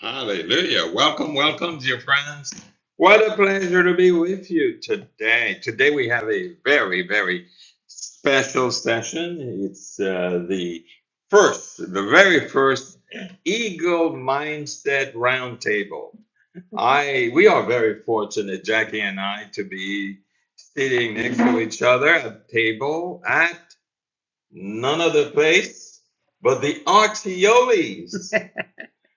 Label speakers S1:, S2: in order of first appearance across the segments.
S1: Hallelujah. Welcome, welcome, dear friends. What a pleasure to be with you today. Today we have a very, very special session. It's uh, the first, the very first Eagle Mindset Roundtable. I we are very fortunate, Jackie and I, to be sitting next to each other at the table at none other place but the Archioles.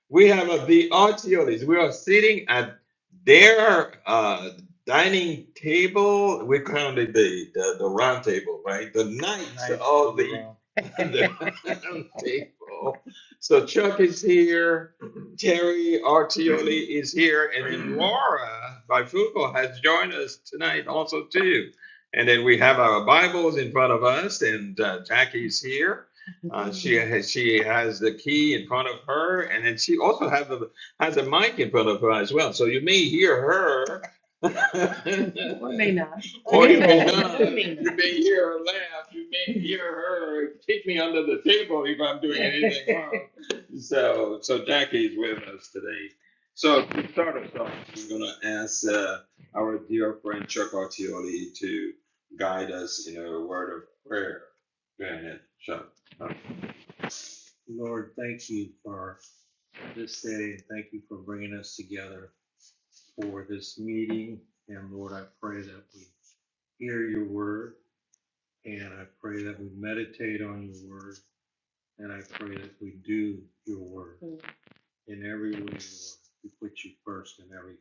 S1: We have uh, the Archiotes. We are sitting at their uh, dining table. We call it the, the, the round table, right? The knights Knights of the the, the round table. So Chuck is here. Terry Artioli is here. And then Laura Bifuco has joined us tonight also too. And then we have our Bibles in front of us and uh, Jackie's here. Uh, she has, she has the key in front of her, and then she also have a, has a mic in front of her as well. So you may hear her, Or may not. or you may not. You may hear her laugh. You may hear her kick me under the table if I'm doing anything wrong. So, so Jackie's with us today. So to start us off, I'm gonna ask uh, our dear friend Chuck Artioli to guide us in a word of prayer. Go ahead, Chuck. Lord, thank you for this day. Thank you for bringing us together for this meeting. And Lord, I pray that we hear your word and I pray that we meditate on your word and I pray that we do your word Mm. in every way, Lord. We put you first in every.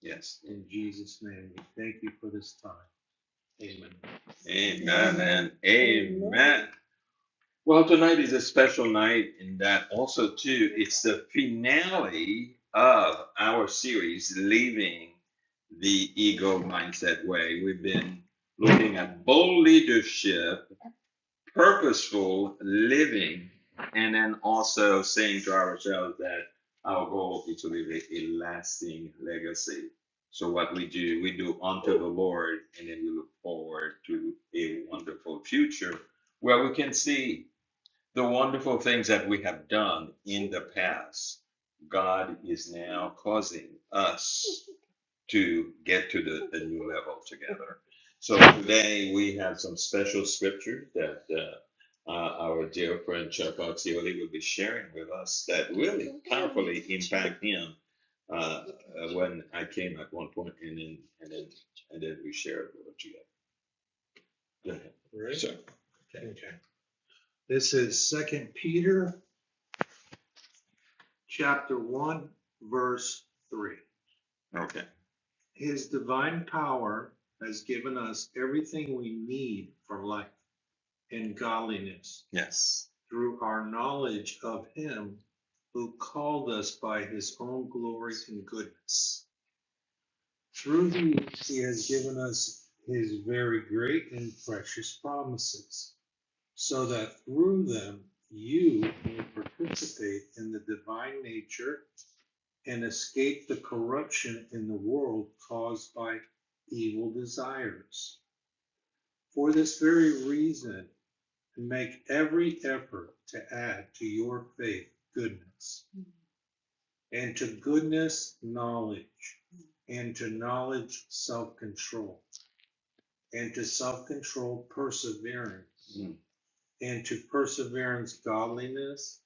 S1: Yes. In Jesus' name, we thank you for this time. Amen. Amen. Amen. Amen. Well, tonight is a special night in that also too, it's the finale of our series, Leaving the Ego Mindset Way. We've been looking at bold leadership, purposeful living, and then also saying to ourselves that our goal is to leave a lasting legacy. So what we do, we do unto the Lord, and then we look forward to a wonderful future where we can see the wonderful things that we have done in the past, God is now causing us to get to the, the new level together. So today we have some special scriptures that uh, uh, our dear friend Chuck Oxioli will be sharing with us that really powerfully impact him uh, uh, when I came at one point and then and then and then we shared it with you. Go ahead. Right? Sure. Okay. Okay. This is Second Peter chapter 1, verse 3. Okay. His divine power has given us everything we need for life and godliness Yes. through our knowledge of Him who called us by His own glory and goodness. Through these, He has given us His very great and precious promises, so that through them you may participate in the divine nature and escape the corruption in the world caused by evil desires. For this very reason, make every effort to add to your faith goodness, and to goodness, knowledge, and to knowledge, self control, and to self control, perseverance, Mm. and to perseverance, godliness,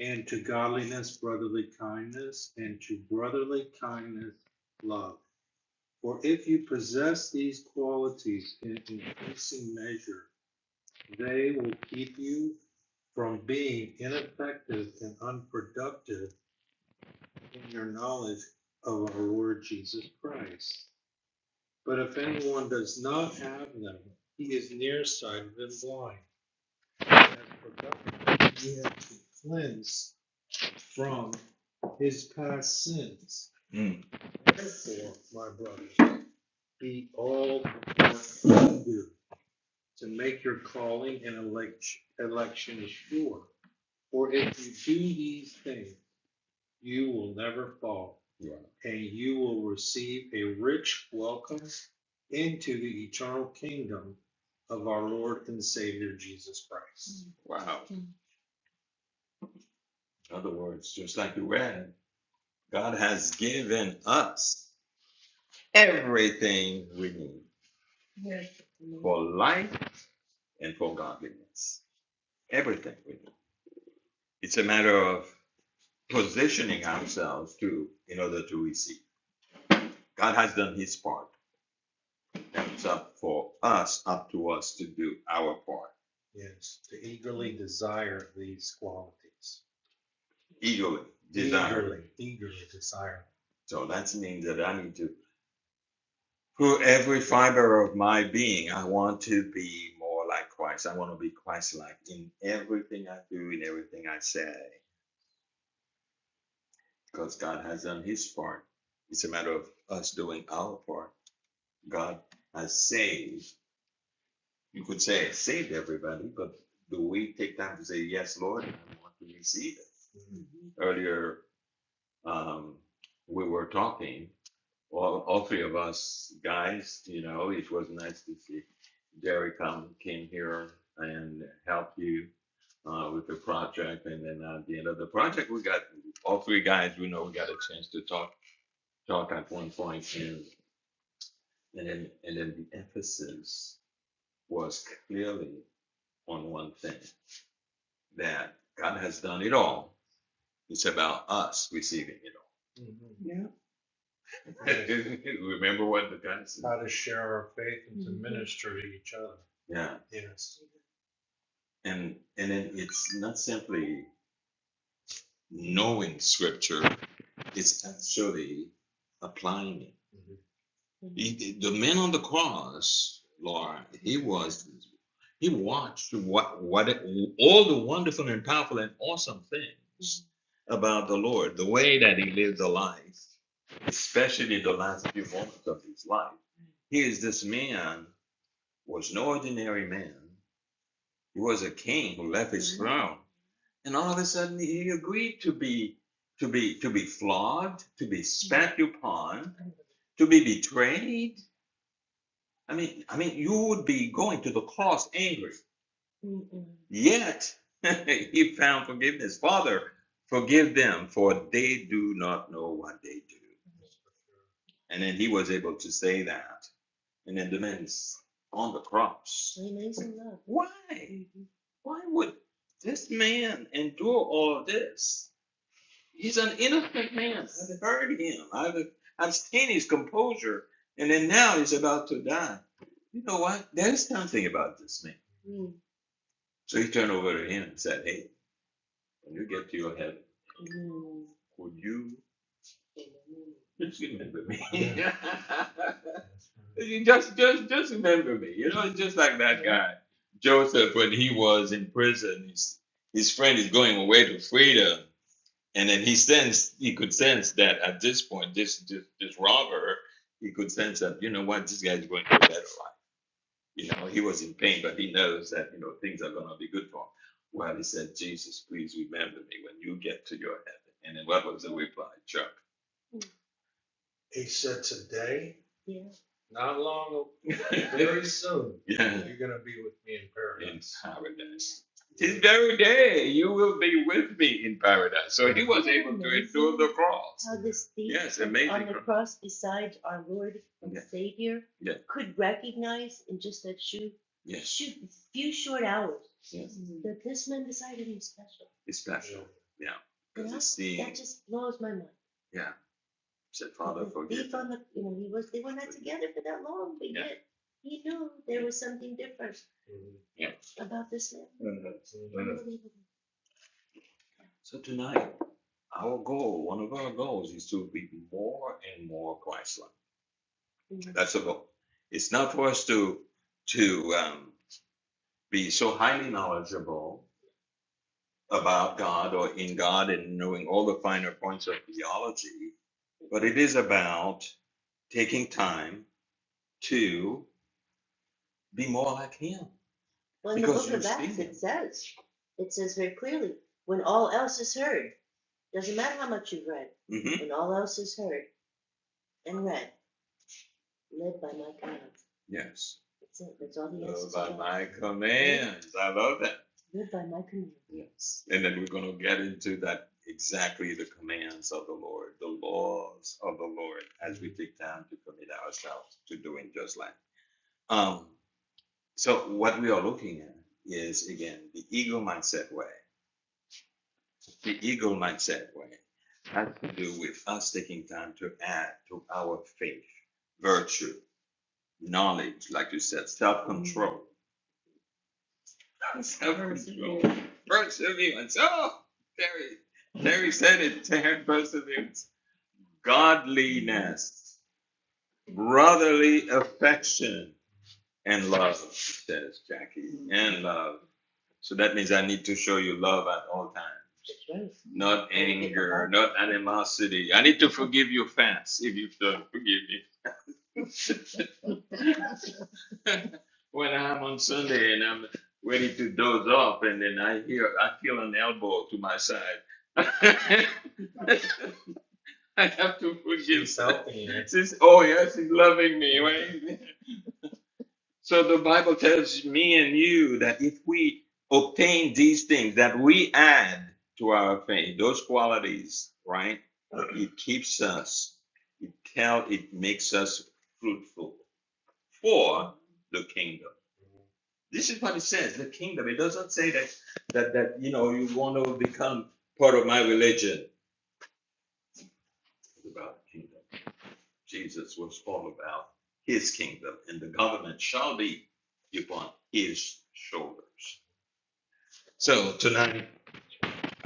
S1: and to godliness, brotherly kindness, and to brotherly kindness, love. For if you possess these qualities in increasing measure, they will keep you from being ineffective and unproductive in your knowledge of our Lord Jesus Christ. But if anyone does not have them, he is nearsighted and blind, and productive, he has been cleansed from his past sins. Mm. Therefore, my brothers, be all more eager to make your calling and election, election sure. For if you do these things, you will never fall, Right. and you will receive a rich welcome into the eternal kingdom of our Lord and Savior Jesus Christ. Wow. In other words, just like you read, God has given us everything we need yes. for life and for godliness. Everything we need. It's a matter of positioning ourselves to in order to receive. God has done his part. Now it's up for us, up to us to do our part. Yes, to eagerly desire these qualities. Eagerly desire. Eagerly, eagerly desire. So that means that I need to through every fiber of my being, I want to be more like Christ. I want to be Christ like in everything I do, in everything I say. Because God has done his part. It's a matter of us doing our part. God has saved. You could say saved everybody, but do we take time to say, Yes, Lord, I want to receive it? Mm-hmm. Earlier, um, we were talking, all, all three of us guys, you know, it was nice to see Jerry come, came here and help you uh, with the project, and then at the end of the project, we got all three guys. We know we got a chance to talk talk at one point, and and then and then the emphasis. was clearly on one thing that God has done it all. It's about us receiving it all. Mhm. Yeah. Remember what the God said? How to share our faith and to Mhm. minister to each other. Yeah. Yes. And and then it's not simply knowing scripture, it's actually applying it. Mm-hmm. He, the man on the cross, Laura, he was, he watched what, what, it, all the wonderful and powerful and awesome things about the Lord, the way that he lived the life, especially the last few moments of his life. He is this man was no ordinary man. He was a king who left his throne, and all of a sudden he agreed to be, to be, to be flogged, to be spat upon, to be betrayed I mean, I mean, you would be going to the cross angry. Mm-mm. Yet he found forgiveness. Father, forgive them, for they do not know what they do. And then he was able to say that. And then the men's on the cross. Amazing love. Why? Mm-hmm. Why would this man endure all of this? He's an innocent man. I've heard him. I've I've seen his composure, and then now he's about to die. You know what? There's something about this man. Mm. So he turned over to him and said, "Hey, when you get to your heaven, mm. would you just remember me? You just, just, just remember me. You know, it's just like that guy Joseph when he was in prison. His his friend is going away to freedom. And then he sensed, he could sense that at this point, this this, this robber, he could sense that, you know what, this guy's going to a better life. You know, he was in pain, but he knows that, you know, things are going to be good for him. Well, he said, Jesus, please remember me when you get to your heaven. And then what was the reply, Chuck? He said today, Yeah. not long, very soon, yeah. you're gonna be with me in paradise. In paradise. This very day you will be with me in paradise. So he was able to endure the cross. How this thief Yes, amazing. on the cross. cross beside our Lord and Yeah. Savior Yeah. could recognize in just that few, Yes. few, few short hours Yes. that this man decided he's special. He's special. Yeah. Because Yeah, it's That just blows my mind. yeah said Father, forgive them. the, you know, he was, they were not together for that long, but Yeah. yet he knew there was something different mm-hmm. yeah. about this man. Mm-hmm. Unbelievable. So tonight, our goal, one of our goals, is to be more and more Christ-like. Mhm. That's the goal. It's not for us to to um, be so highly knowledgeable about God or in God and knowing all the finer points of theology, but it is about taking time to Be more like him. Well, in the Because book you're of Acts, speaking. it says, it says very clearly, when all else is heard, doesn't matter how much you've read, hmm when all else is heard and read, live by my commands. Yes. That's it. That's all he has to Live asks us by about. my commands. I love that. live by my commands. Yes. And then we're going to get into that exactly the commands of the Lord, the laws of the Lord, as we take time to commit ourselves to doing just like. Um, So what we are looking at is again the ego mindset way. The ego mindset way has to do with us taking time to add to our faith, virtue, knowledge, like you said, self-control, mm-hmm. self-control, perseverance. perseverance. Oh, Terry, Terry said it. Terry, perseverance, godliness, brotherly affection, and love. Says Jackie, mm-hmm. and love. So that means I need to show you love at all times. Right. Not anger, not animosity. I need to forgive you fast if you don't forgive me. when I'm on Sunday and I'm ready to doze off, and then I hear, I feel an elbow to my side. I have to forgive. She's helping you. She's, oh, yeah, she's loving me. Right? So the Bible tells me and you that if we obtain these things, that we add to our faith, those qualities, right? It keeps us, it tell, it makes us fruitful for the kingdom. This is what it says, the kingdom. It doesn't say that that that you know you want to become part of my religion. It's about the kingdom. Jesus was all about his kingdom, and the government shall be upon his shoulders. So tonight,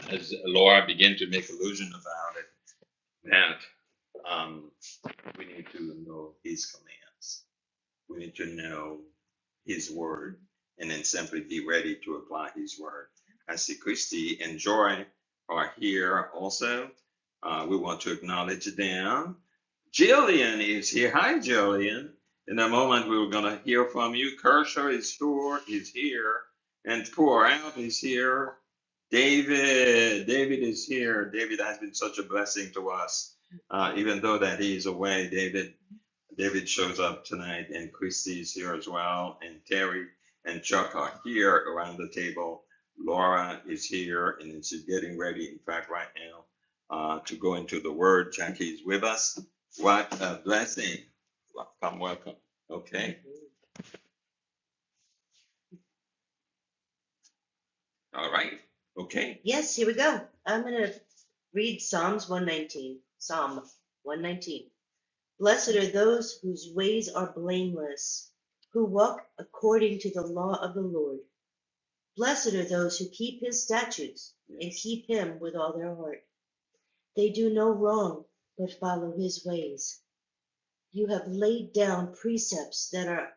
S1: as Laura began to make allusion about it, that um, we need to know his commands. We need to know His word and then simply be ready to apply His word. I see Christy and Joy are here also. Uh, we want to acknowledge them. Jillian is here. Hi, Jillian. In a moment, we are going to hear from you. Kershaw is here. Is here. And Pour Out is here. David, David is here. David has been such a blessing to us. Uh, even though that he is away, David David shows up tonight, and Christy's here as well, and Terry and Chuck are here around the table. Laura is here, and she's getting ready, in fact, right now, uh, to go into the Word. Jackie is with us. What a blessing. Welcome, welcome. Okay, all right, okay. Yes, here we go. I'm going to read Psalms 119. Psalm 119. Blessed are those whose ways are blameless, who walk according to the law of the Lord. Blessed are those who keep his statutes and keep him with all their heart. They do no wrong, but follow his ways. You have laid down precepts that are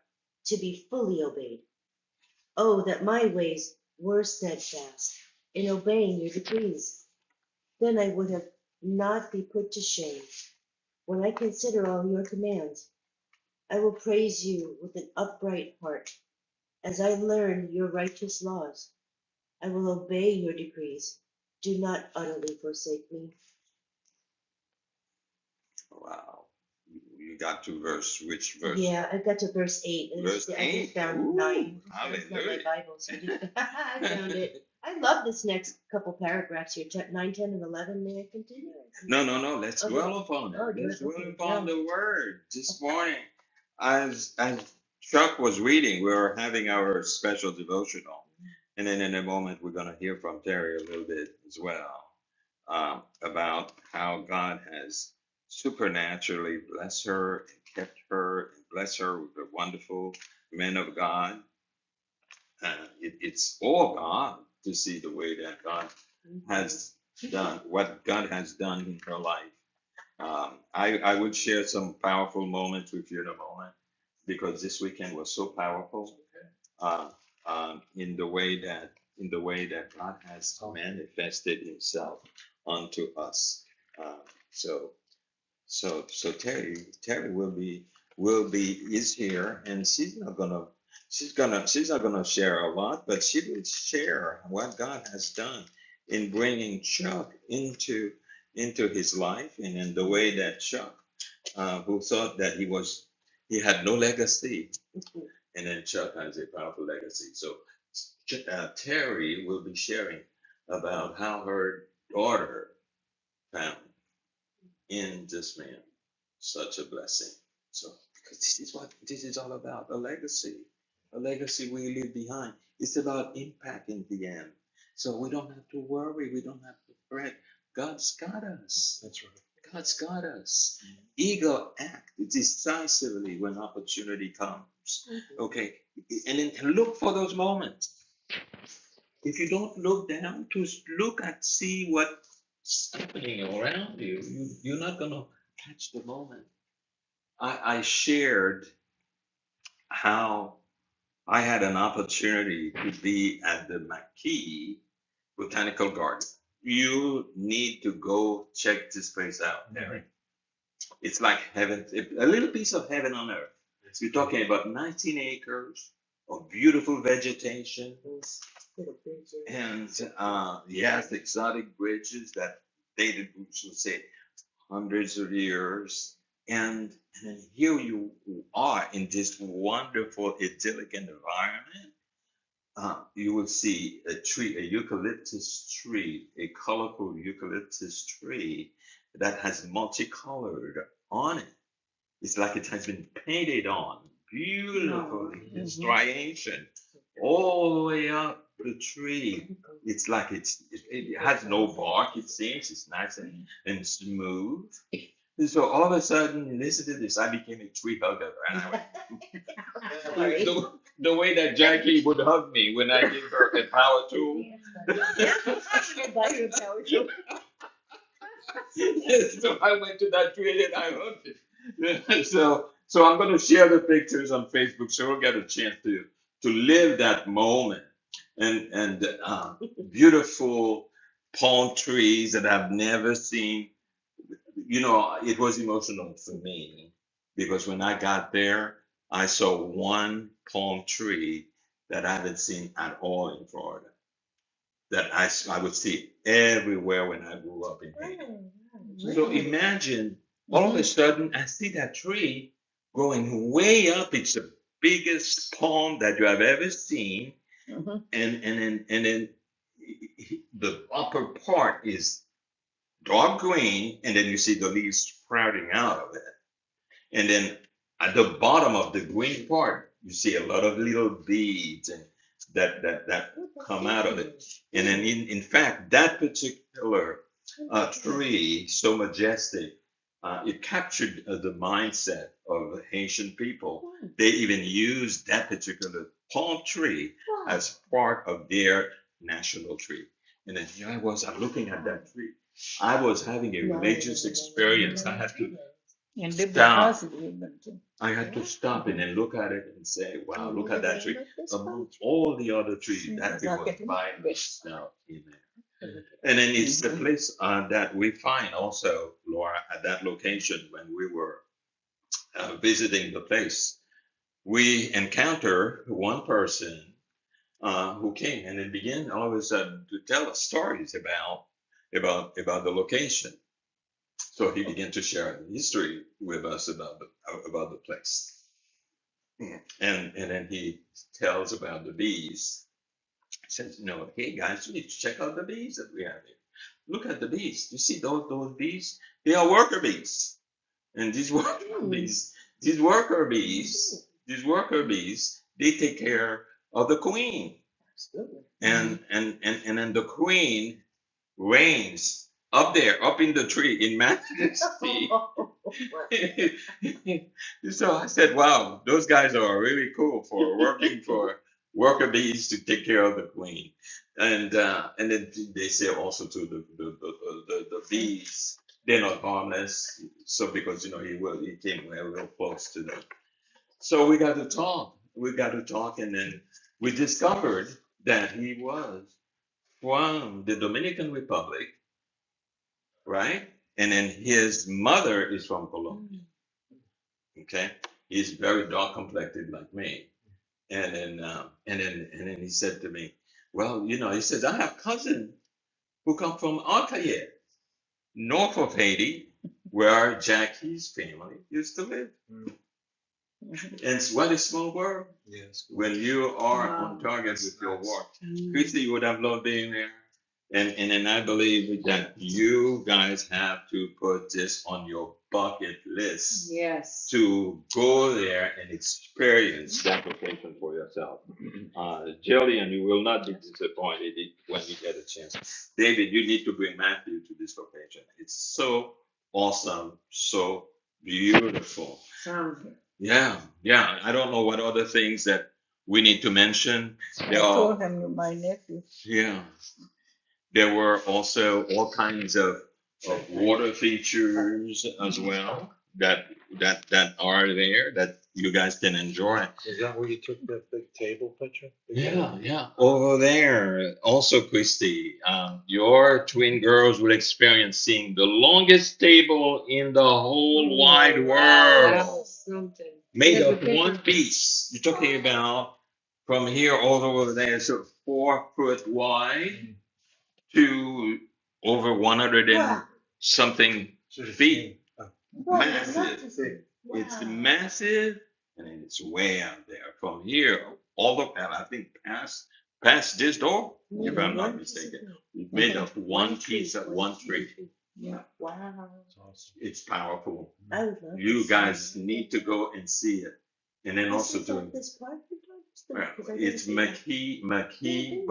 S1: to be fully obeyed. Oh, that my ways were steadfast in obeying your decrees. Then I would have not be put to shame when I consider all your commands. I will praise you with an upright heart. As I learn your righteous laws, I will obey your decrees. Do not utterly forsake me. Wow. You got to verse, which verse? Yeah, I got to verse eight. It's, Verse yeah, eight? I just 8. found Ooh, nine. It's not my Bible, so I just I found it. I love this next couple paragraphs here. Chap nine, ten, and eleven. May I continue? No, no, no. Let's Okay. dwell upon it. Oh, Let's dwell Okay. upon Yeah. the word this morning. As as Chuck was reading, we were having our special devotional, and then in a moment we're going to hear from Terry a little bit as well um, about how God has supernaturally bless her and kept her and bless her with the wonderful men of God. Uh, it, it's all God to see the way that God mm-hmm. has done, what God has done in her life. Um, I, I would share some powerful moments with you in a moment because this weekend was so powerful uh, um, in the way that in the way that God has manifested Himself unto us. Uh, so so, so Terry, Terry will be, will be, is here, and she's not gonna, she's gonna, she's not gonna share a lot, but she will share what God has done in bringing Chuck into, into his life, and in the way that Chuck, uh, who thought that he was, he had no legacy, and then Chuck has a powerful legacy. So, Ch- uh, Terry will be sharing about how her daughter found in this man. Such a blessing. So, because this is what this is all about a legacy, a legacy we leave behind. It's about impact in the end. So, we don't have to worry, we don't have to fret. God's got us. That's right. God's got us. Ego act decisively when opportunity comes. Mhm. Okay, and then look for those moments. If you don't look down, to look and see what's happening around you, you you're not gonna catch the moment. I, I shared how I had an opportunity to be at the McKee Botanical Garden. You need to go check this place out, Eric. It's like heaven, a little piece of heaven on earth. So You're talking about 19 acres of beautiful vegetation and uh, yes, exotic bridges that dated, let's say, hundreds of years. And, and then here you are in this wonderful idyllic environment. Uh, you will see a tree, a eucalyptus tree, a colorful eucalyptus tree that has multicolored on it it's like it has been painted on beautifully. Mhm. It's striation mm-hmm. all the way up the tree. It's like it's it, it has no bark. It seems it's nice and, and smooth. And so all of a sudden, listening to this, I became a tree hugger. And I went, the, the way that Jackie would hug me when I give her a power tool. Yeah, I buy you a power tool. so I went to that trade and I owned it. so, so I'm going to share the pictures on Facebook so we'll get a chance to to live that moment and and uh, beautiful palm trees that I've never seen. You know, it was emotional for me because when I got there, I saw one palm tree that I haven't seen at all in Florida that I I would see everywhere when I grew up in Haiti. Really? So Really? imagine all mm-hmm. of a sudden I see that tree growing way up. It's the biggest palm that you have ever seen, Mhm. and and then and then the upper part is dark green, and then you see the leaves sprouting out of and then at the bottom of the green part, you see a lot of little beads and that that that come out of it. And then in, in fact, that particular uh, tree, so majestic, uh, it captured uh, the mindset of Haitian people. They even used that particular palm tree as part of their national tree. And then here I was, I'm looking at that tree. I was having a religious experience. I had to and did the Stop. I had to Yeah. stop it and look at it and say, wow, look at that tree. Among all the other trees, that tree not was getting by big. itself. Amen. And then it's the Mhm. place uh, that we find also, Laura, at that location when we were uh, visiting the place. We encounter one person uh, who came and then began all of a sudden to tell us stories about about about the location. So he began to share history with us about the about the place, and and then he tells about the bees. He says, "You know, hey guys, you need to check out the bees that we have here. Look at the bees. You see those those bees? They are worker bees, and these worker bees, these worker bees, these worker bees, they take care of the queen, Absolutely. and and and and then the queen reigns up there, up in the tree in majesty. so I said, wow, those guys are really cool for working for worker bees to take care of the queen. And uh, and then they say also to the the, the, the, the bees, they're not harmless. So because you know he will he came real real close to them. So we got to talk. We got to talk and then we discovered that he was from the Dominican Republic right? And then his mother is from Colombia. Okay, he's very dark complected like me. And then um, and then and then he said to me, "Well, you know," he says, "I have cousins who come from Arcaye, north of Haiti, where Jackie's family used to live." Mm. And what a small world? Yes. When you are Wow. on target with your Nice. work, Mm. Christy, you would have loved being there. And, and and I believe that you guys have to put this on your bucket list Yes. to go there and experience that location for yourself. Uh, Jillian, you will not be disappointed when you get a chance. David, you need to bring Matthew to this location. It's so awesome, so beautiful. Yeah, yeah. I don't know what other things that we need to mention. There Go are, ahead. yeah. There were also all kinds of, of water features as well that that that are there that you guys can enjoy. Is that where you took that big table picture? Big Yeah, table? yeah. Over there, also Christy, um, your twin girls will experience seeing the longest table in the whole wide world, That's something. made of one piece. You're talking about from here all the way over there, so four foot wide to over 100 and Wow. something feet. Well, Massive. massive. It's Wow. massive and it's way out there from here all the and I think past past this door, mm-hmm. if I'm not Mhm. mistaken. It's made okay. of one piece of one tree. Yeah. Wow. It's powerful. I love You this. guys it. need to go and see it and then also doing this park you're uh, about? it's see that. McKee Yeah, McKee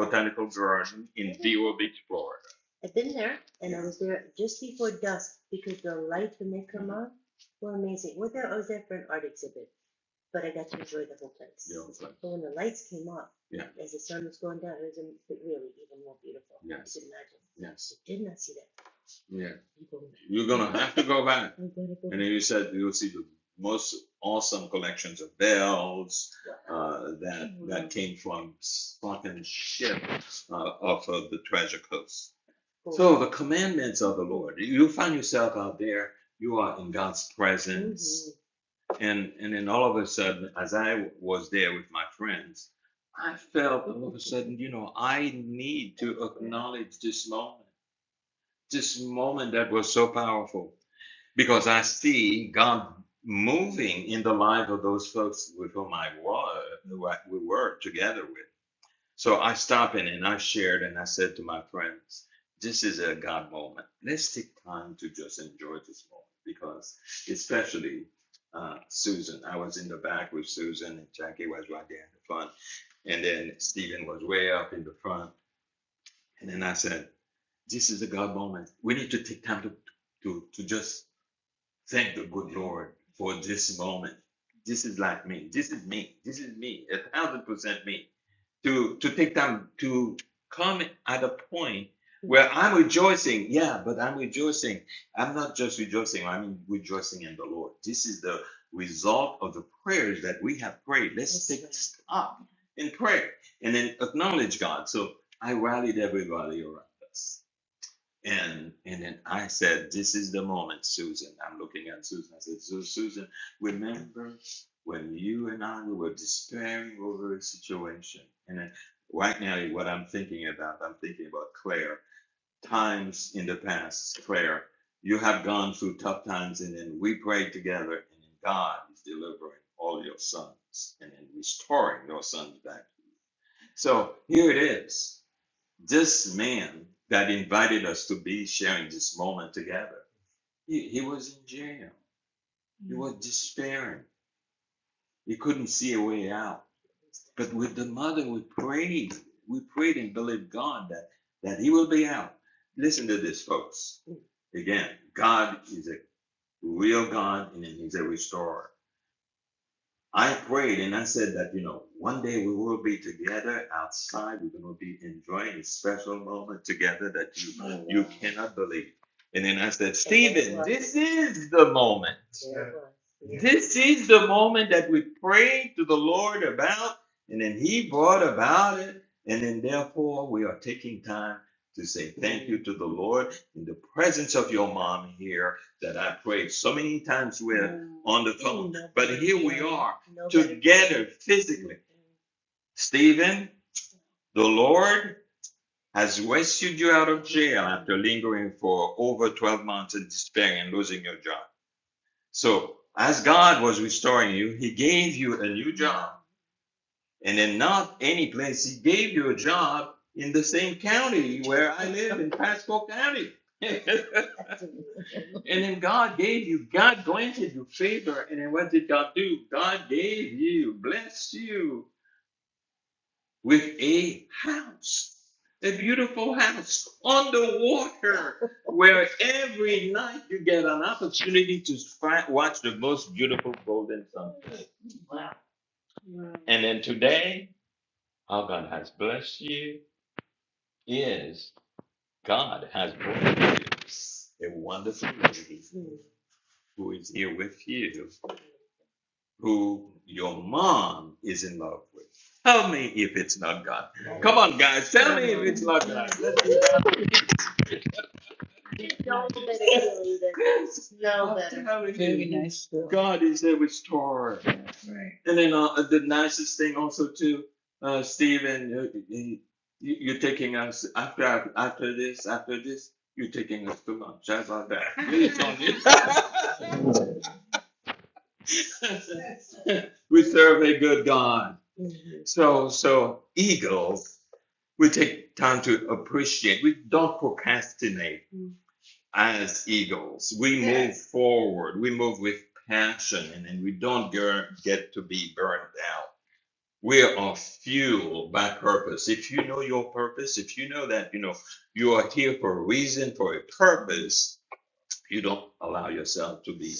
S1: Botanical Garden in i Vero Beach, Florida. I've been there and I Yeah. was there just before dusk because the lights when they come hmm on were amazing. Well, there, I was there for an art exhibit, but I got to enjoy the whole The place. old place. But when the lights came up, Yeah. as the sun was going down, it was really even more beautiful. I Yes. I could imagine. Yes. I did not see that yeah. You're gonna have to go back. I'm gonna go And then you said you'll see the most awesome collections of bells uh, that mm-hmm. that came from fucking ship uh, off of the treasure coast. Cool. So the commandments of the Lord. You find yourself out there. You are in God's presence, Mm-hmm. and and then all of a sudden, as I was there with my friends, I felt all of a sudden, you know, I need to acknowledge this moment this moment that was so powerful because I see God moving in the life of those folks with whom I was, who I, we were together with. So I stopped in and I shared and I said to my friends, "This is a God moment. Let's take time to just enjoy this moment because, especially." Uh, Susan, I was in the back with Susan, and Jackie was right there in the front, and then Stephen was way up in the front. And then I said, this is a God moment. We need to take time to, to, to just thank the good Lord for this moment. This is like me. This is me. This is me. A thousand percent me. To to take time to come at a point where I'm rejoicing. Yeah, but I'm rejoicing. I'm not just rejoicing. I mean rejoicing in the Lord. This is the result of the prayers that we have prayed. Let's take a stop in prayer and then acknowledge God. So I rallied everybody around us. And and then I said, This is the moment, Susan. I'm looking at Susan. I said, "Su- Susan, remember when you and I were despairing over a situation. And then right now, what I'm thinking about, I'm thinking about Claire. Times in the past, Claire, you have gone through tough times, and then we prayed together, and then God is delivering all your sons and then restoring your sons back. to you. So here it is. This man that invited us to be sharing this moment together, he, he was in jail. He was despairing. He couldn't see a way out. But with the mother, we prayed. We prayed and believed God that, that he will be out. Listen to this, folks. Again, God is a real God and he's a restorer. I prayed and I said that, you know, one day we will be together outside. We're going to be enjoying a special moment together that you Oh, wow. you wow. cannot believe. And then I said, Stephen, this is the moment. There Yeah. This is the moment that we prayed to the Lord about, and then He brought about it. And then, therefore, we are taking time to say thank you to the Lord in the presence of your mom here that I prayed so many times with Mm. on the phone. Ain't But here we are Nobody together greater. physically. Mm. Stephen, the Lord has rescued you out of jail after lingering for over 12 months in despair and losing your job. So, as God was restoring you, He gave you a new job and in not any place. He gave you a job in the same county where I live in Pasco County. And then God gave you, God granted you favor. And then what did God do? God gave you, blessed you with a house, a beautiful house on the water, where every night you get an opportunity to fi- watch the most beautiful golden sunset. And then today, our God has blessed you is God has brought you a wonderful lady who is here with you, who your mom is in love with. Tell me if it's not God. Come on, guys, tell me if it's not God. Let's do that. No, really no better. Very nice. God is a restorer. And then uh, the nicest thing also too, uh, Stephen, uh, you, you- are taking us after after this after this. You're taking us to lunch. How about that? It's on we serve a good God. Mm-hmm. So so eagles, we take time to appreciate. We don't procrastinate mm-hmm. as eagles. We yes. move forward. We move with passion, and then we don't get to be burned out We are fueled by purpose. If you know your purpose, if you know that you know you are here for a reason, for a purpose, you don't allow yourself to be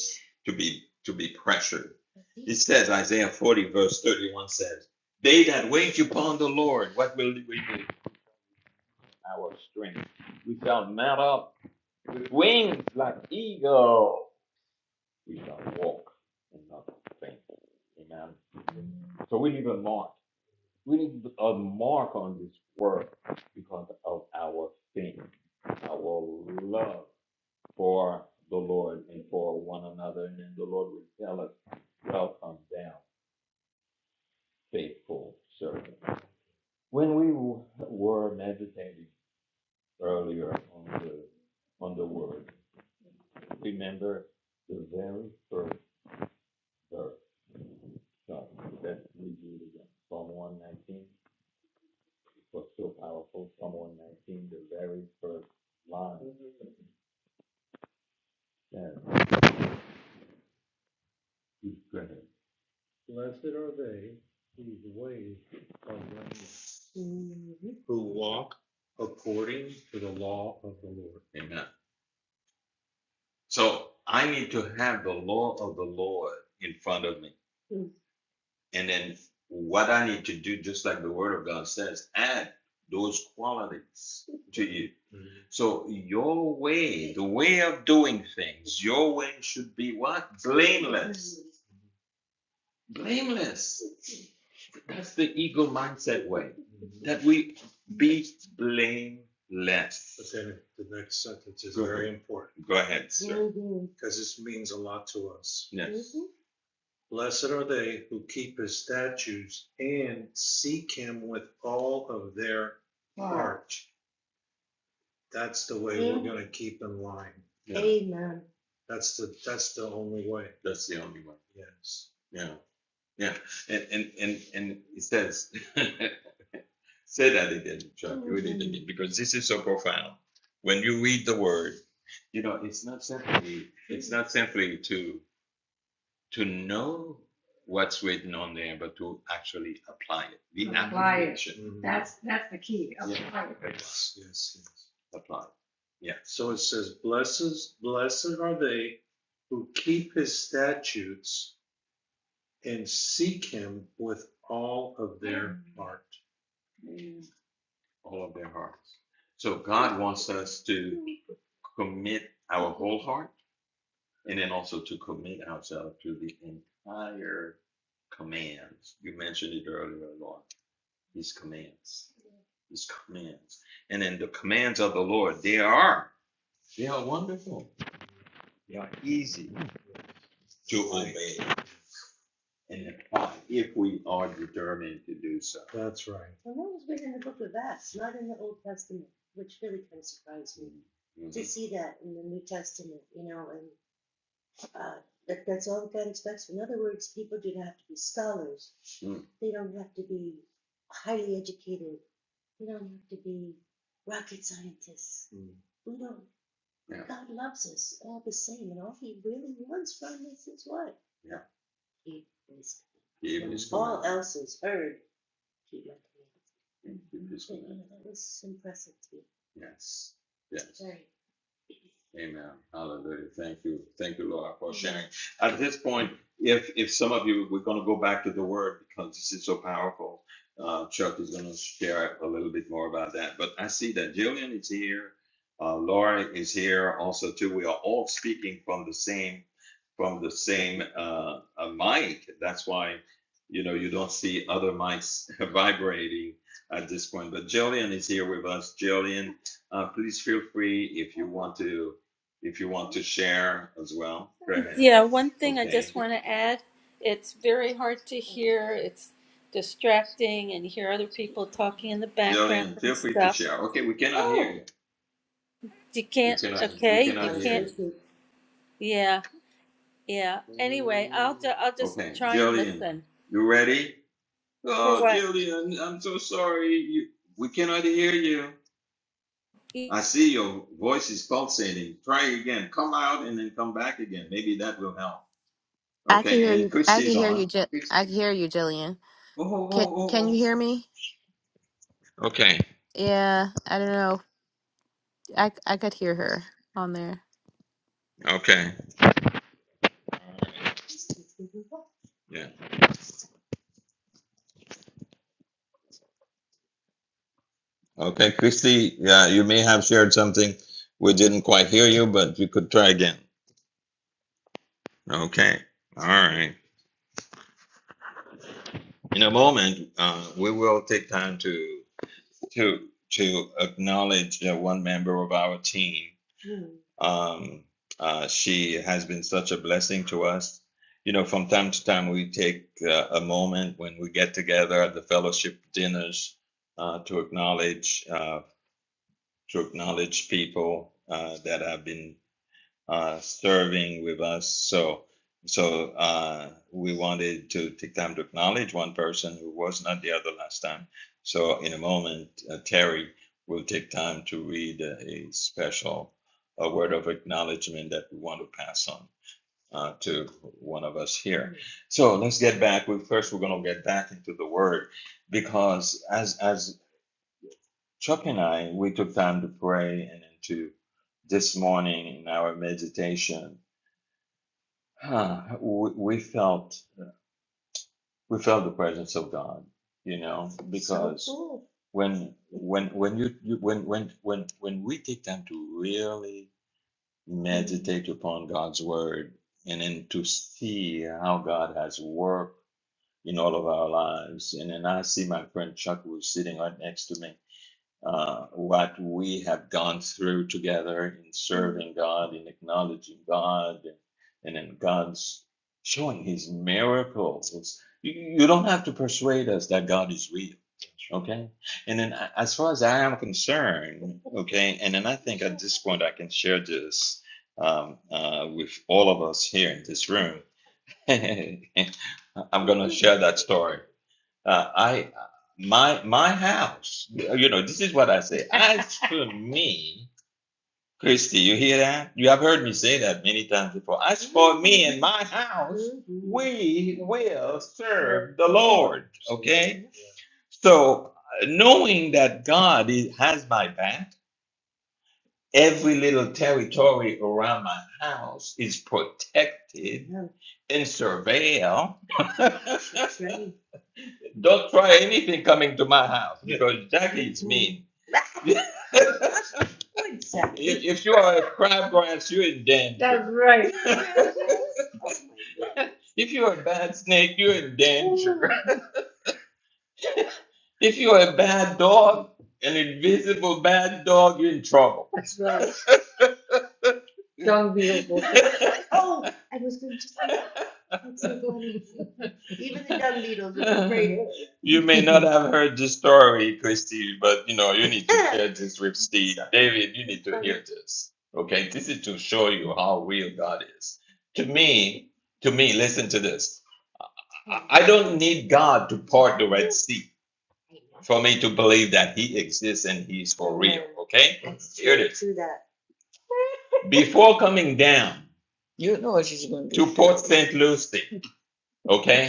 S1: to be to be pressured. It says Isaiah 40 verse 31 says, "They that wait upon the Lord, what will we do? Our strength. We shall mount up with wings like eagle. We shall walk and not faint." Amen. So we need a mark. we need a mark on this world because of our faith, our love for the Lord and for one another. And then the Lord will tell us, well, come down. He's Blessed are they whose ways are blameless, who walk according to the Lord. Amen. So I need to have the law of the Lord in front of me. and then what I need to do, just like the Word of God says, add those qualities to you. Mhm. So your way, the way of doing things, your way should be what? Blameless. Blameless. That's the ego mindset way. Mhm. That we be blameless. But then the next sentence is Go very ahead. important Go ahead, sir. Mhm. because mm-hmm. this means a lot to us. Yes. Mhm. Blessed are they who keep his statutes and seek him with all of their heart. That's the way mm-hmm. we're gonna keep in line. Yeah, Amen. That's the, that's the only way, that's the only way. yes. Yeah, yeah. And and and and it says say that again, Chuck. Mm-hmm. Read it again because this is so profound. When you read the word, you know, it's not simply it's not simply to to know what's written on there, but to actually apply it. The action, Mhm. Right. Yes, yes, yes. apply. Yeah. So it says, blesses, blessed are they who keep his statutes and seek him with all of their heart. all of their hearts. So God wants us to commit our whole heart and then also to commit ourselves to the entire commands. You mentioned it earlier, Lord. His commands. His commands. And then the commands of the Lord, they are they are wonderful, easy to obey and apply if we are determined to do so. That's right. Well, that was written in the book of Acts, not in the Old Testament, which really kind of surprised me mm-hmm. to Mhm. see that in the New Testament, you know, and uh, that, that's all God expects. In other words, people do not have to be scholars, Mm. they don't have to be highly educated We don't have to be rocket scientists. Mm. We don't. Yeah. God loves us all the same, and all He really wants from us is what? Yeah. Keep His commandments. All else is heard. Keep my So, commandments. that was impressive to me. Yes. Yes. Very Amen. Hallelujah. Thank you. Thank you, Lord, for sharing. At this point, if if some of you, we're going to go back to the Word because this is so powerful. Uh, Chuck is going to share a little bit more about that. But I see that Jillian is here. Uh, Laura is here also too. We are all speaking from the same from the same uh, uh, mic. That's why you know you don't see other mics vibrating at this point. But Jillian is here with us. Jillian uh, please feel free if you want to, if you want to share as well. Go ahead.
S2: Yeah, one thing I
S1: Okay.
S2: just want to add it's very hard to hear, it's distracting, and you hear other people talking in the background
S1: Jillian,
S2: and
S1: feel free to
S2: stuff.
S1: share. Okay, we cannot oh. hear Oh, you.
S2: You
S1: We
S2: can't,
S1: cannot, we
S2: okay, you
S1: cannot
S2: can't,
S1: hear you.
S2: yeah, yeah. Anyway, I'll, ju- I'll just
S1: Okay,
S2: try and
S1: Jillian,
S2: listen
S1: you ready?
S2: for
S1: Oh,
S2: what?
S1: Jillian, I'm so sorry. You, we cannot hear you. I see your voice is pulsating. Try again. Come out and then come back again. Maybe that will help.
S3: I can hear
S1: Okay, and
S3: you. I can
S1: Christy's
S3: hear
S1: on.
S3: you. Ji- I can hear you, Jillian.
S1: Oh, oh,
S3: Can
S1: oh,
S3: Can you
S1: oh.
S3: hear me?
S1: oh. Okay,
S3: Yeah, I don't know. I I could hear her on there.
S1: okay. Yeah. Okay, Christy, yeah, you may have shared something. We didn't quite hear you, but you could try again. Okay. All right. In a moment, uh, we will take time to to to acknowledge uh, one member of our team. Um, uh, she has been such a blessing to us. You know, from time to time, we take uh, a moment when we get together at the fellowship dinners uh, to acknowledge. uh, to acknowledge people uh, that have been uh, serving with us. So, so uh, we wanted to take time to acknowledge one person who was not the other last time. So, in a moment, uh, Terry will take time to read uh, a special a word of acknowledgement that we want to pass on uh, to one of us here. So, let's get back. We first we're going to get back into the word because as as Chuck and I, we took time to pray and into this morning in our meditation, huh, we, we felt we felt the presence of God, you know, because so cool. when when when you, you when when when when we take time to really meditate upon God's word and then to see how God has worked in all of our lives. And then I see my friend Chuck who's sitting right next to me uh, what we have gone through together in serving God, in acknowledging God, and and in God's showing His miracles. It's, you don't have to persuade us that God is real, okay? And then, as far as I am concerned, okay, and then I think at this point I can share this um, uh, with all of us here in this room. I'm gonna share that story. Uh, I my my house. You know, this is what I say. As for me, Christy, you hear that? You have heard me say that many times before. As for me and my house, we will serve the Lord. Okay. So, uh, knowing that God is, has my back, every little territory around my house is protected and surveilled. Don't try anything coming to my house because Jackie is mean. Exactly. If, if you are a crabgrass, you're in danger. That's right. if you're a bad snake, you're in danger. If you're a bad dog, an invisible bad dog, you're in trouble. That's right. Don't be a bull. Oh, I was going to say that. so Even the young needles with the braided. You may not have heard the story, Christy, but you know, you need to share this with Steve. David, you need to hear this. Okay, this is to show you how real God is. To me, to me, listen to this. I don't need God to part the Red Sea for me to believe that He exists and He's for real. Okay, That's true. here it is. True that. Before coming down to Port St. Lucie, okay,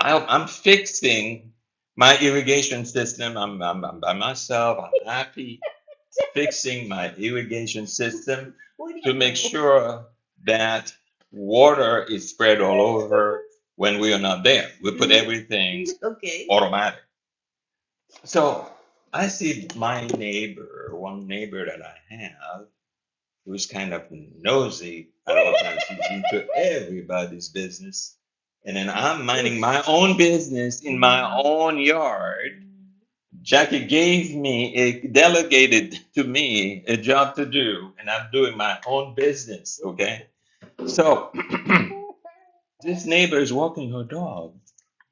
S1: I'm, I'm fixing my irrigation system. I'm, I'm, I'm by myself. I'm happy fixing my irrigation system to make sure that water is spread all over when we are not there. We put Mhm. everything Okay. automatic. So I see my neighbor, one neighbor that I have who's kind of nosy at all times. She's into everybody's business. And then I'm minding my own business in my own yard. Jackie gave me a delegated to me a job to do, and I'm doing my own business. Okay. So this neighbor is walking her dog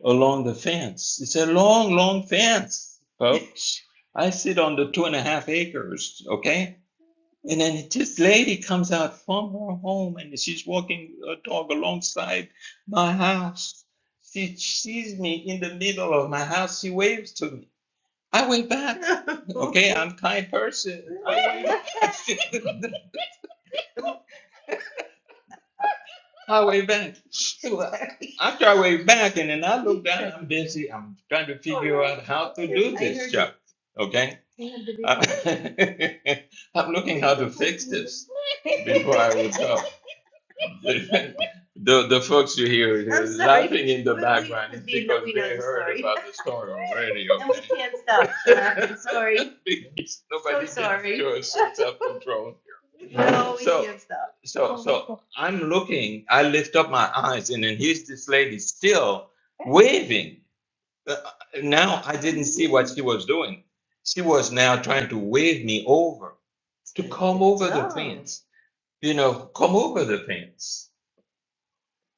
S1: along the fence. It's a long, long fence, folks. I sit on the two and a half acres, okay? And then this lady comes out from her home and she's walking a dog alongside my house. She sees me in the middle of my house. She waves to me. I wave back. Okay, I'm a kind person. I wave back. I wave back. So After I wave back and then I look down, I'm busy. I'm trying to figure out how to do this job. Okay? I'm looking how to fix this before I would go. the the folks you hear i laughing in the background is because we they heard about the story already. Okay? And we Okay. can't stop. I'm sorry. Because nobody so sorry. gives you self control. No, we So- can't stop. So so I'm looking. I lift up my eyes, and then here's this lady still waving. Uh, now I didn't see what she was doing. She was now trying to wave me over to come over oh. the Oh. fence. You know, come over the fence.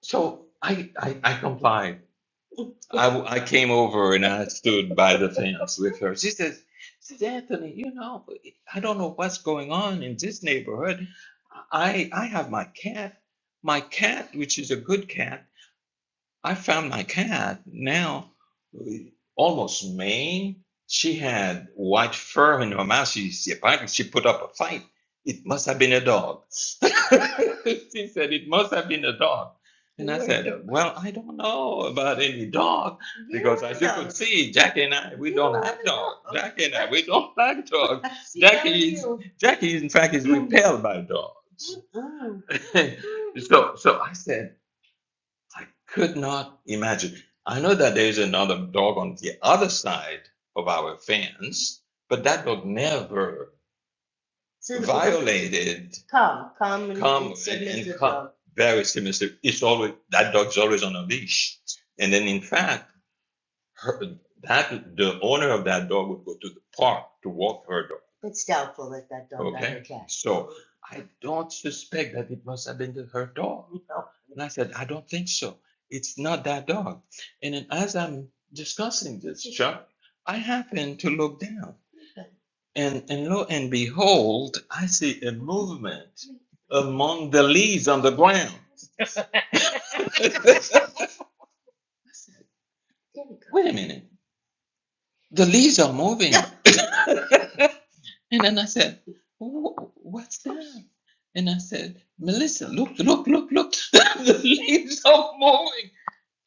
S1: So I, I, I complied. I, w- I came over and I stood by the fence with her. She says, she says, Anthony, you know, I don't know what's going on in this neighborhood. I, I have my cat, my cat, which is a good cat. I found my cat now, almost Maine. She had white fur in her mouth. She, she apparently she put up a fight. It must have been a dog. she said it must have been a dog. And I said, well, I don't know about any dog because as you could see, Jackie and I, we don't like dogs. Jackie and I, we don't like dogs. See, that was Jackie is, Jackie, in fact, is Mm, repelled by dogs. so so I said. I could not imagine. I know that there's another dog on the other side of our fence, but that dog never So violated come, come and, come and submit and the come dog. very similar. It's always that dog's always on a leash. And then in fact her, that the owner of that dog would go to the park to walk her dog. It's doubtful that that dog got Okay, her cat. so I don't suspect that it must have been the, her dog. you And I said, I don't think so. It's not that dog. And then as I'm discussing this, Chuck, I happen to look down, and and lo and behold, I see a movement among the leaves on the ground. Wait a minute, the leaves are moving. And then I said, "Wh- What's that? And I said, Melissa, look, look, look, look. the leaves are moving.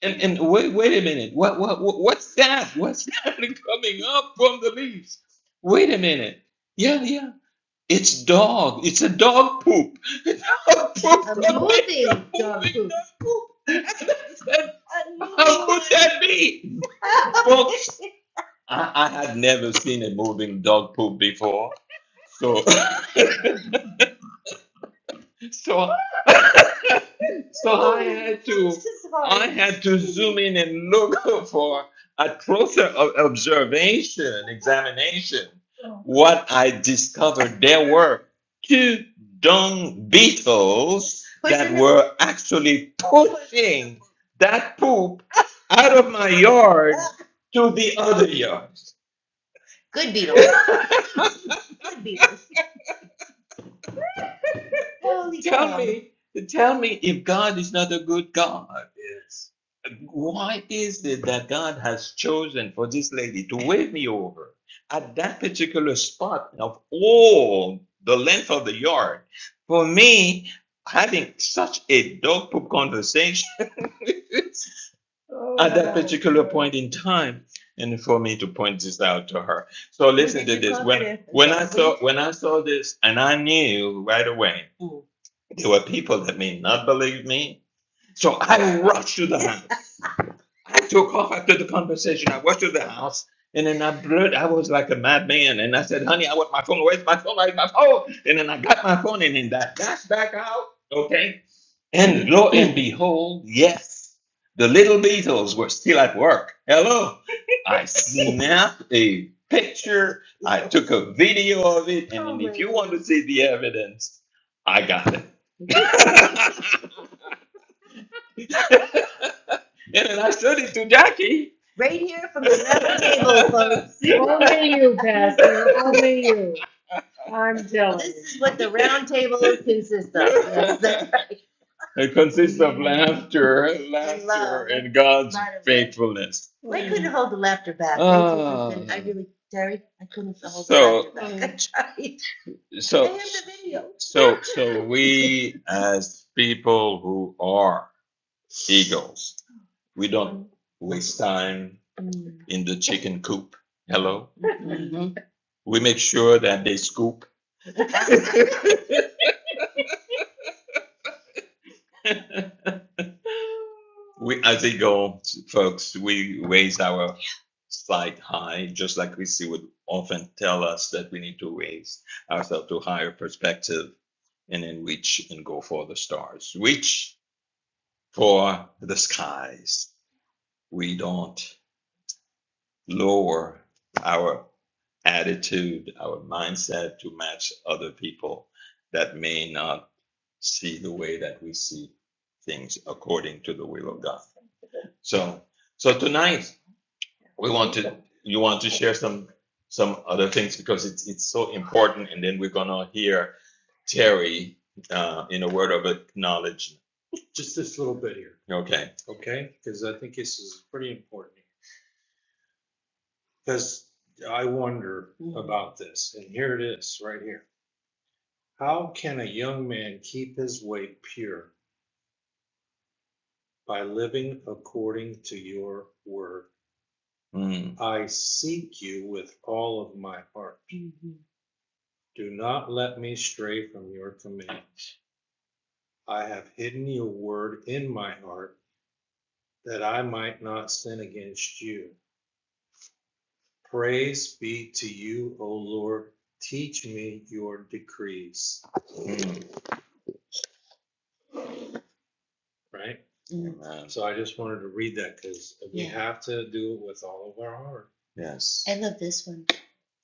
S1: And, and wait, wait a minute. What, what, what, what's that? What's that coming up from the leaves? Wait a minute. Yeah, yeah. It's dog. It's a dog poop. A poop A coming moving up, dog moving poop. dog poop. And I said, A how moving could moving. that be? Folks, I, I had never seen a moving dog poop before. So So, so I had to, I had to zoom in and look for a closer o- observation, examination. What I discovered, there were two dung beetles that were actually pushing that poop out of my yard to the other yard. Good beetles. Well, yeah. tell me, tell me if God is not a good God. Yes. Why is it that God has chosen for this lady to wave me over at that particular spot of all the length of the yard? For me, having such a dog poop conversation at that particular point in time and for me to point this out to her so listen to this when when i saw when i saw this and i knew right away there were people that may not believe me so i rushed to the house i took off after the conversation i rushed to the house and then I blurred, I was like a madman. And I said, honey, I want my phone. Where's my phone? Where's my phone? And then I got my phone and then that dashed back out. Okay. And lo and behold, yes, the little beetles were still at work. Hello. I snapped a picture, I took a video of it, and then if you want to see the evidence, I got it. and then I showed it to Jackie. Right here from the round table, folks. Only you, Pastor. Only I'm jealous. This is what the round table consists of. Yes, that's right. It consists of laughter, and love. laughter, and God's Light of faithfulness. Well, I couldn't hold the laughter back. I I Ah, really, Terry, I couldn't hold so, the so, laughter back. I tried. I so, I have the video. so, so we as people who are eagles, we don't Mm, waste time mm, in the chicken coop. Hello. mm, mm. We make sure that they scoop. We, as they go, folks, we raise our slight high, just like we would often tell us that we need to raise ourselves to a higher perspective and then reach and go for the stars. Reach for the skies. We don't lower our attitude, our mindset to match other people that may not see the way that we see things according to the will of God. So, so tonight we want to you want to share some some other things because it's it's so important and then we're gonna hear terry uh, in a word of acknowledgement just this little bit here, okay okay? Because I think this is pretty important. Because I wonder about this, and here it is, right here. How can a young man keep his way pure? By living according to your word. Mm, I seek you with all of my heart. Mm-hmm. Do not let me stray from your commands. I have hidden your word in my heart that I might not sin against you. Praise be to you, O Lord. Teach me your decrees. Mm. Right? Mm. Amen. So I just wanted to read that because we Yeah. have to do it with all of our heart. Yes. I love this one.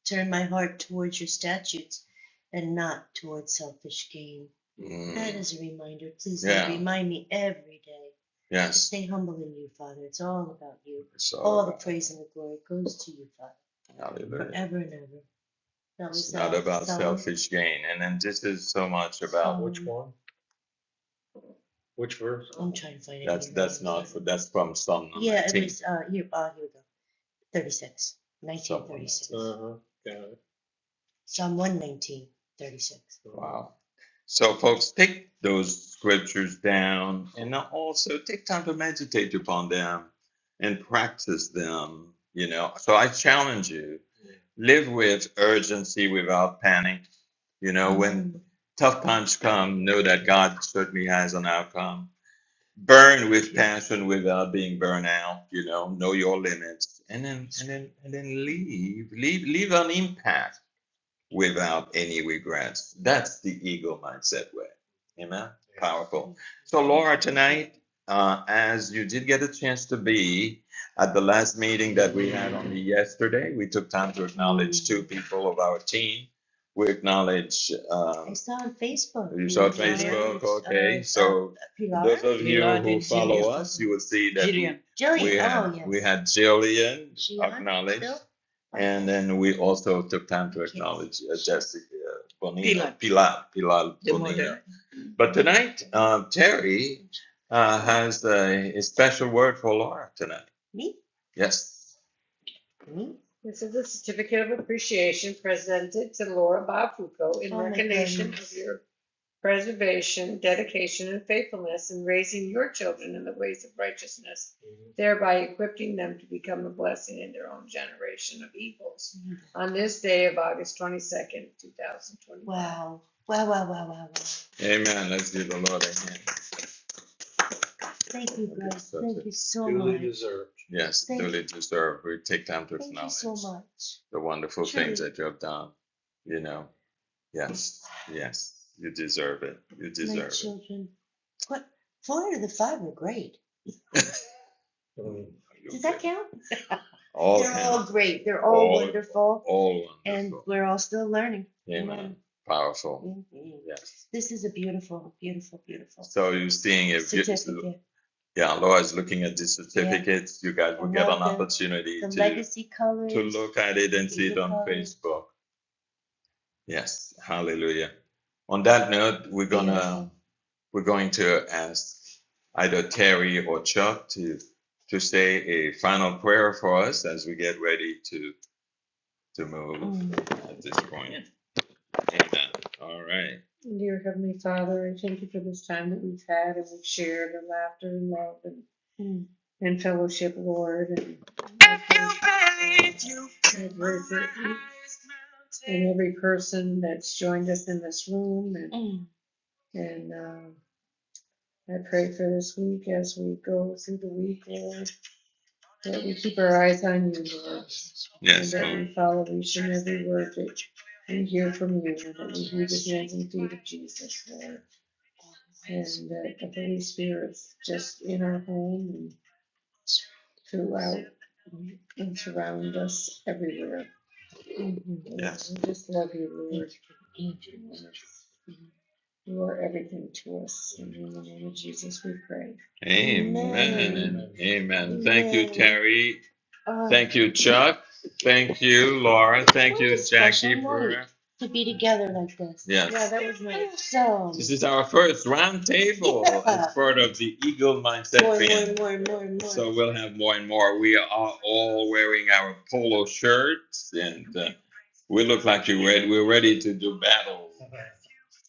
S1: Turn my heart towards your statutes and not towards selfish gain. That Mm, That is a reminder. Please Yeah. remind me every day Yes. to yes. stay humble in you, Father. It's all about you. So, All all about the praise and the glory goes to you, Father, hallelujah. forever and ever. That was It's not uh, about Psalm- selfish one. gain. And then this is so much about um, which one? Which verse? I'm trying to find it. That's that's not for that's from Psalm nineteen. Yeah, it was. Uh, here, uh, here we go. 36. 1936. Uh-huh, got it. Psalm one 19 36. Wow. So, folks, take those scriptures down and now also take time to meditate upon them and practice them. You know, so I challenge you live with urgency without panic. You know, when tough times come, know that God certainly has an outcome. Burn with passion without being burned out. You know, know your limits, and then and then and then leave, leave, leave an impact without any regrets. That's the ego mindset way. Amen. Yes. Powerful. So, Laura, tonight, uh, as you did get a chance to be at the last meeting that we had on yesterday, we took time to acknowledge two people of our team. We acknowledge. Um, I saw on Facebook. You saw on Facebook, okay. Uh, so, uh, those of you Pilar who follow Jillian. us, you will see that Jillian. we, Jillian. we, had, oh, yes. we had Jillian, Jillian acknowledged. Bill? And then we also took time to acknowledge uh, Jessica Bonilla, Pilar. Pilar, Pilar Bonilla. But tonight, uh, Terry uh, has a, a special word for Laura tonight. Me? Yes. Me? This is a certificate of appreciation presented to Laura Bob Foucault in Oh recognition of your preservation, dedication, and faithfulness in raising your children in the ways of righteousness, mm-hmm. thereby equipping them to become a blessing in their own generation of evils. Mm-hmm. On this day of August 22nd, 2025. Wow. Wow, wow, wow, wow, wow. Amen. Let's give the Lord a hand. Thank you, Okay, brother. so Thank you so duly much. Duly deserved. Yes, Thank duly you. deserved. We take time to thank acknowledge you so acknowledge much. the wonderful True. things that you have done. You know, yes, yes, you deserve it. You my deserve My it. children what, four out of the five were great. Um, Does that count? All They're count. all great. They're all All- wonderful all wonderful. and we're all still learning. amen, Amen. powerful, Mhm. yes. This is a beautiful, beautiful, beautiful So you're seeing a you- certificate. yeah, Laura's looking at the certificates, Yeah. you guys will get an the- opportunity The to, legacy colors. to look at it and see it on colors. Facebook. Yes, hallelujah. On that note, we're gonna We're going to ask either Terry or Chuck to to say a final prayer for us as we get ready to to move at this point. Amen. All right. Dear Heavenly Father, I thank you for this time that we've had and we've shared and laughter and love and mm. and fellowship, Lord. And I every- and every person that's joined us in this room and mm. and uh, I pray for this week as we go through the week, Lord. that we keep our eyes on you, Lord. Yes, And Yes, that Lord. we follow each and every word that we hear from you, and that we hear the hands and feet of Jesus, Lord. And that the Holy Spirit's just in our home and throughout and surround us everywhere. Yes. we just love you, Lord. You are everything to us. in the name of Jesus, we pray. Amen. Amen. Amen. Amen. Thank you, Terry. Thank you, Chuck. Thank you, Laura. Thank What you, a special Jackie, night for to be together like this. yes. Yeah, yes, that was nice. So, This is our first roundtable table as yeah, part of the Eagle Mindset more, more, Band. more, more, more. So we'll have more and more. We are all wearing our polo shirts, and uh, we look like you're ready. We're ready to do battle.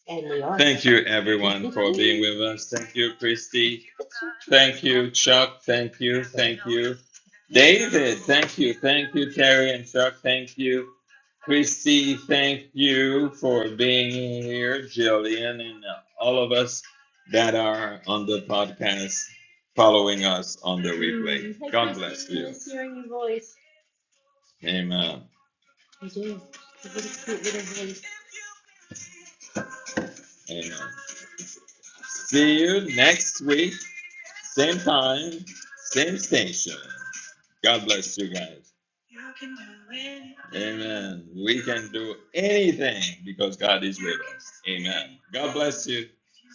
S1: And we are. Thank you, everyone, for being with us. Thank you, Christy. Thank you, Chuck. Thank you. Thank you. David, thank you. Thank you, Terry and Chuck. Thank you. Christy, thank you for being here. Jillian and all of us that are on the podcast following us on the replay. Hey, God bless you. nice hearing your voice. Amen. I do. What a really cute little voice. Amen. See you next week, same time, same station. God bless you guys. Amen. We can do anything because God is with us. Amen. God bless you.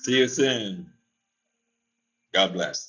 S1: See you soon. God bless.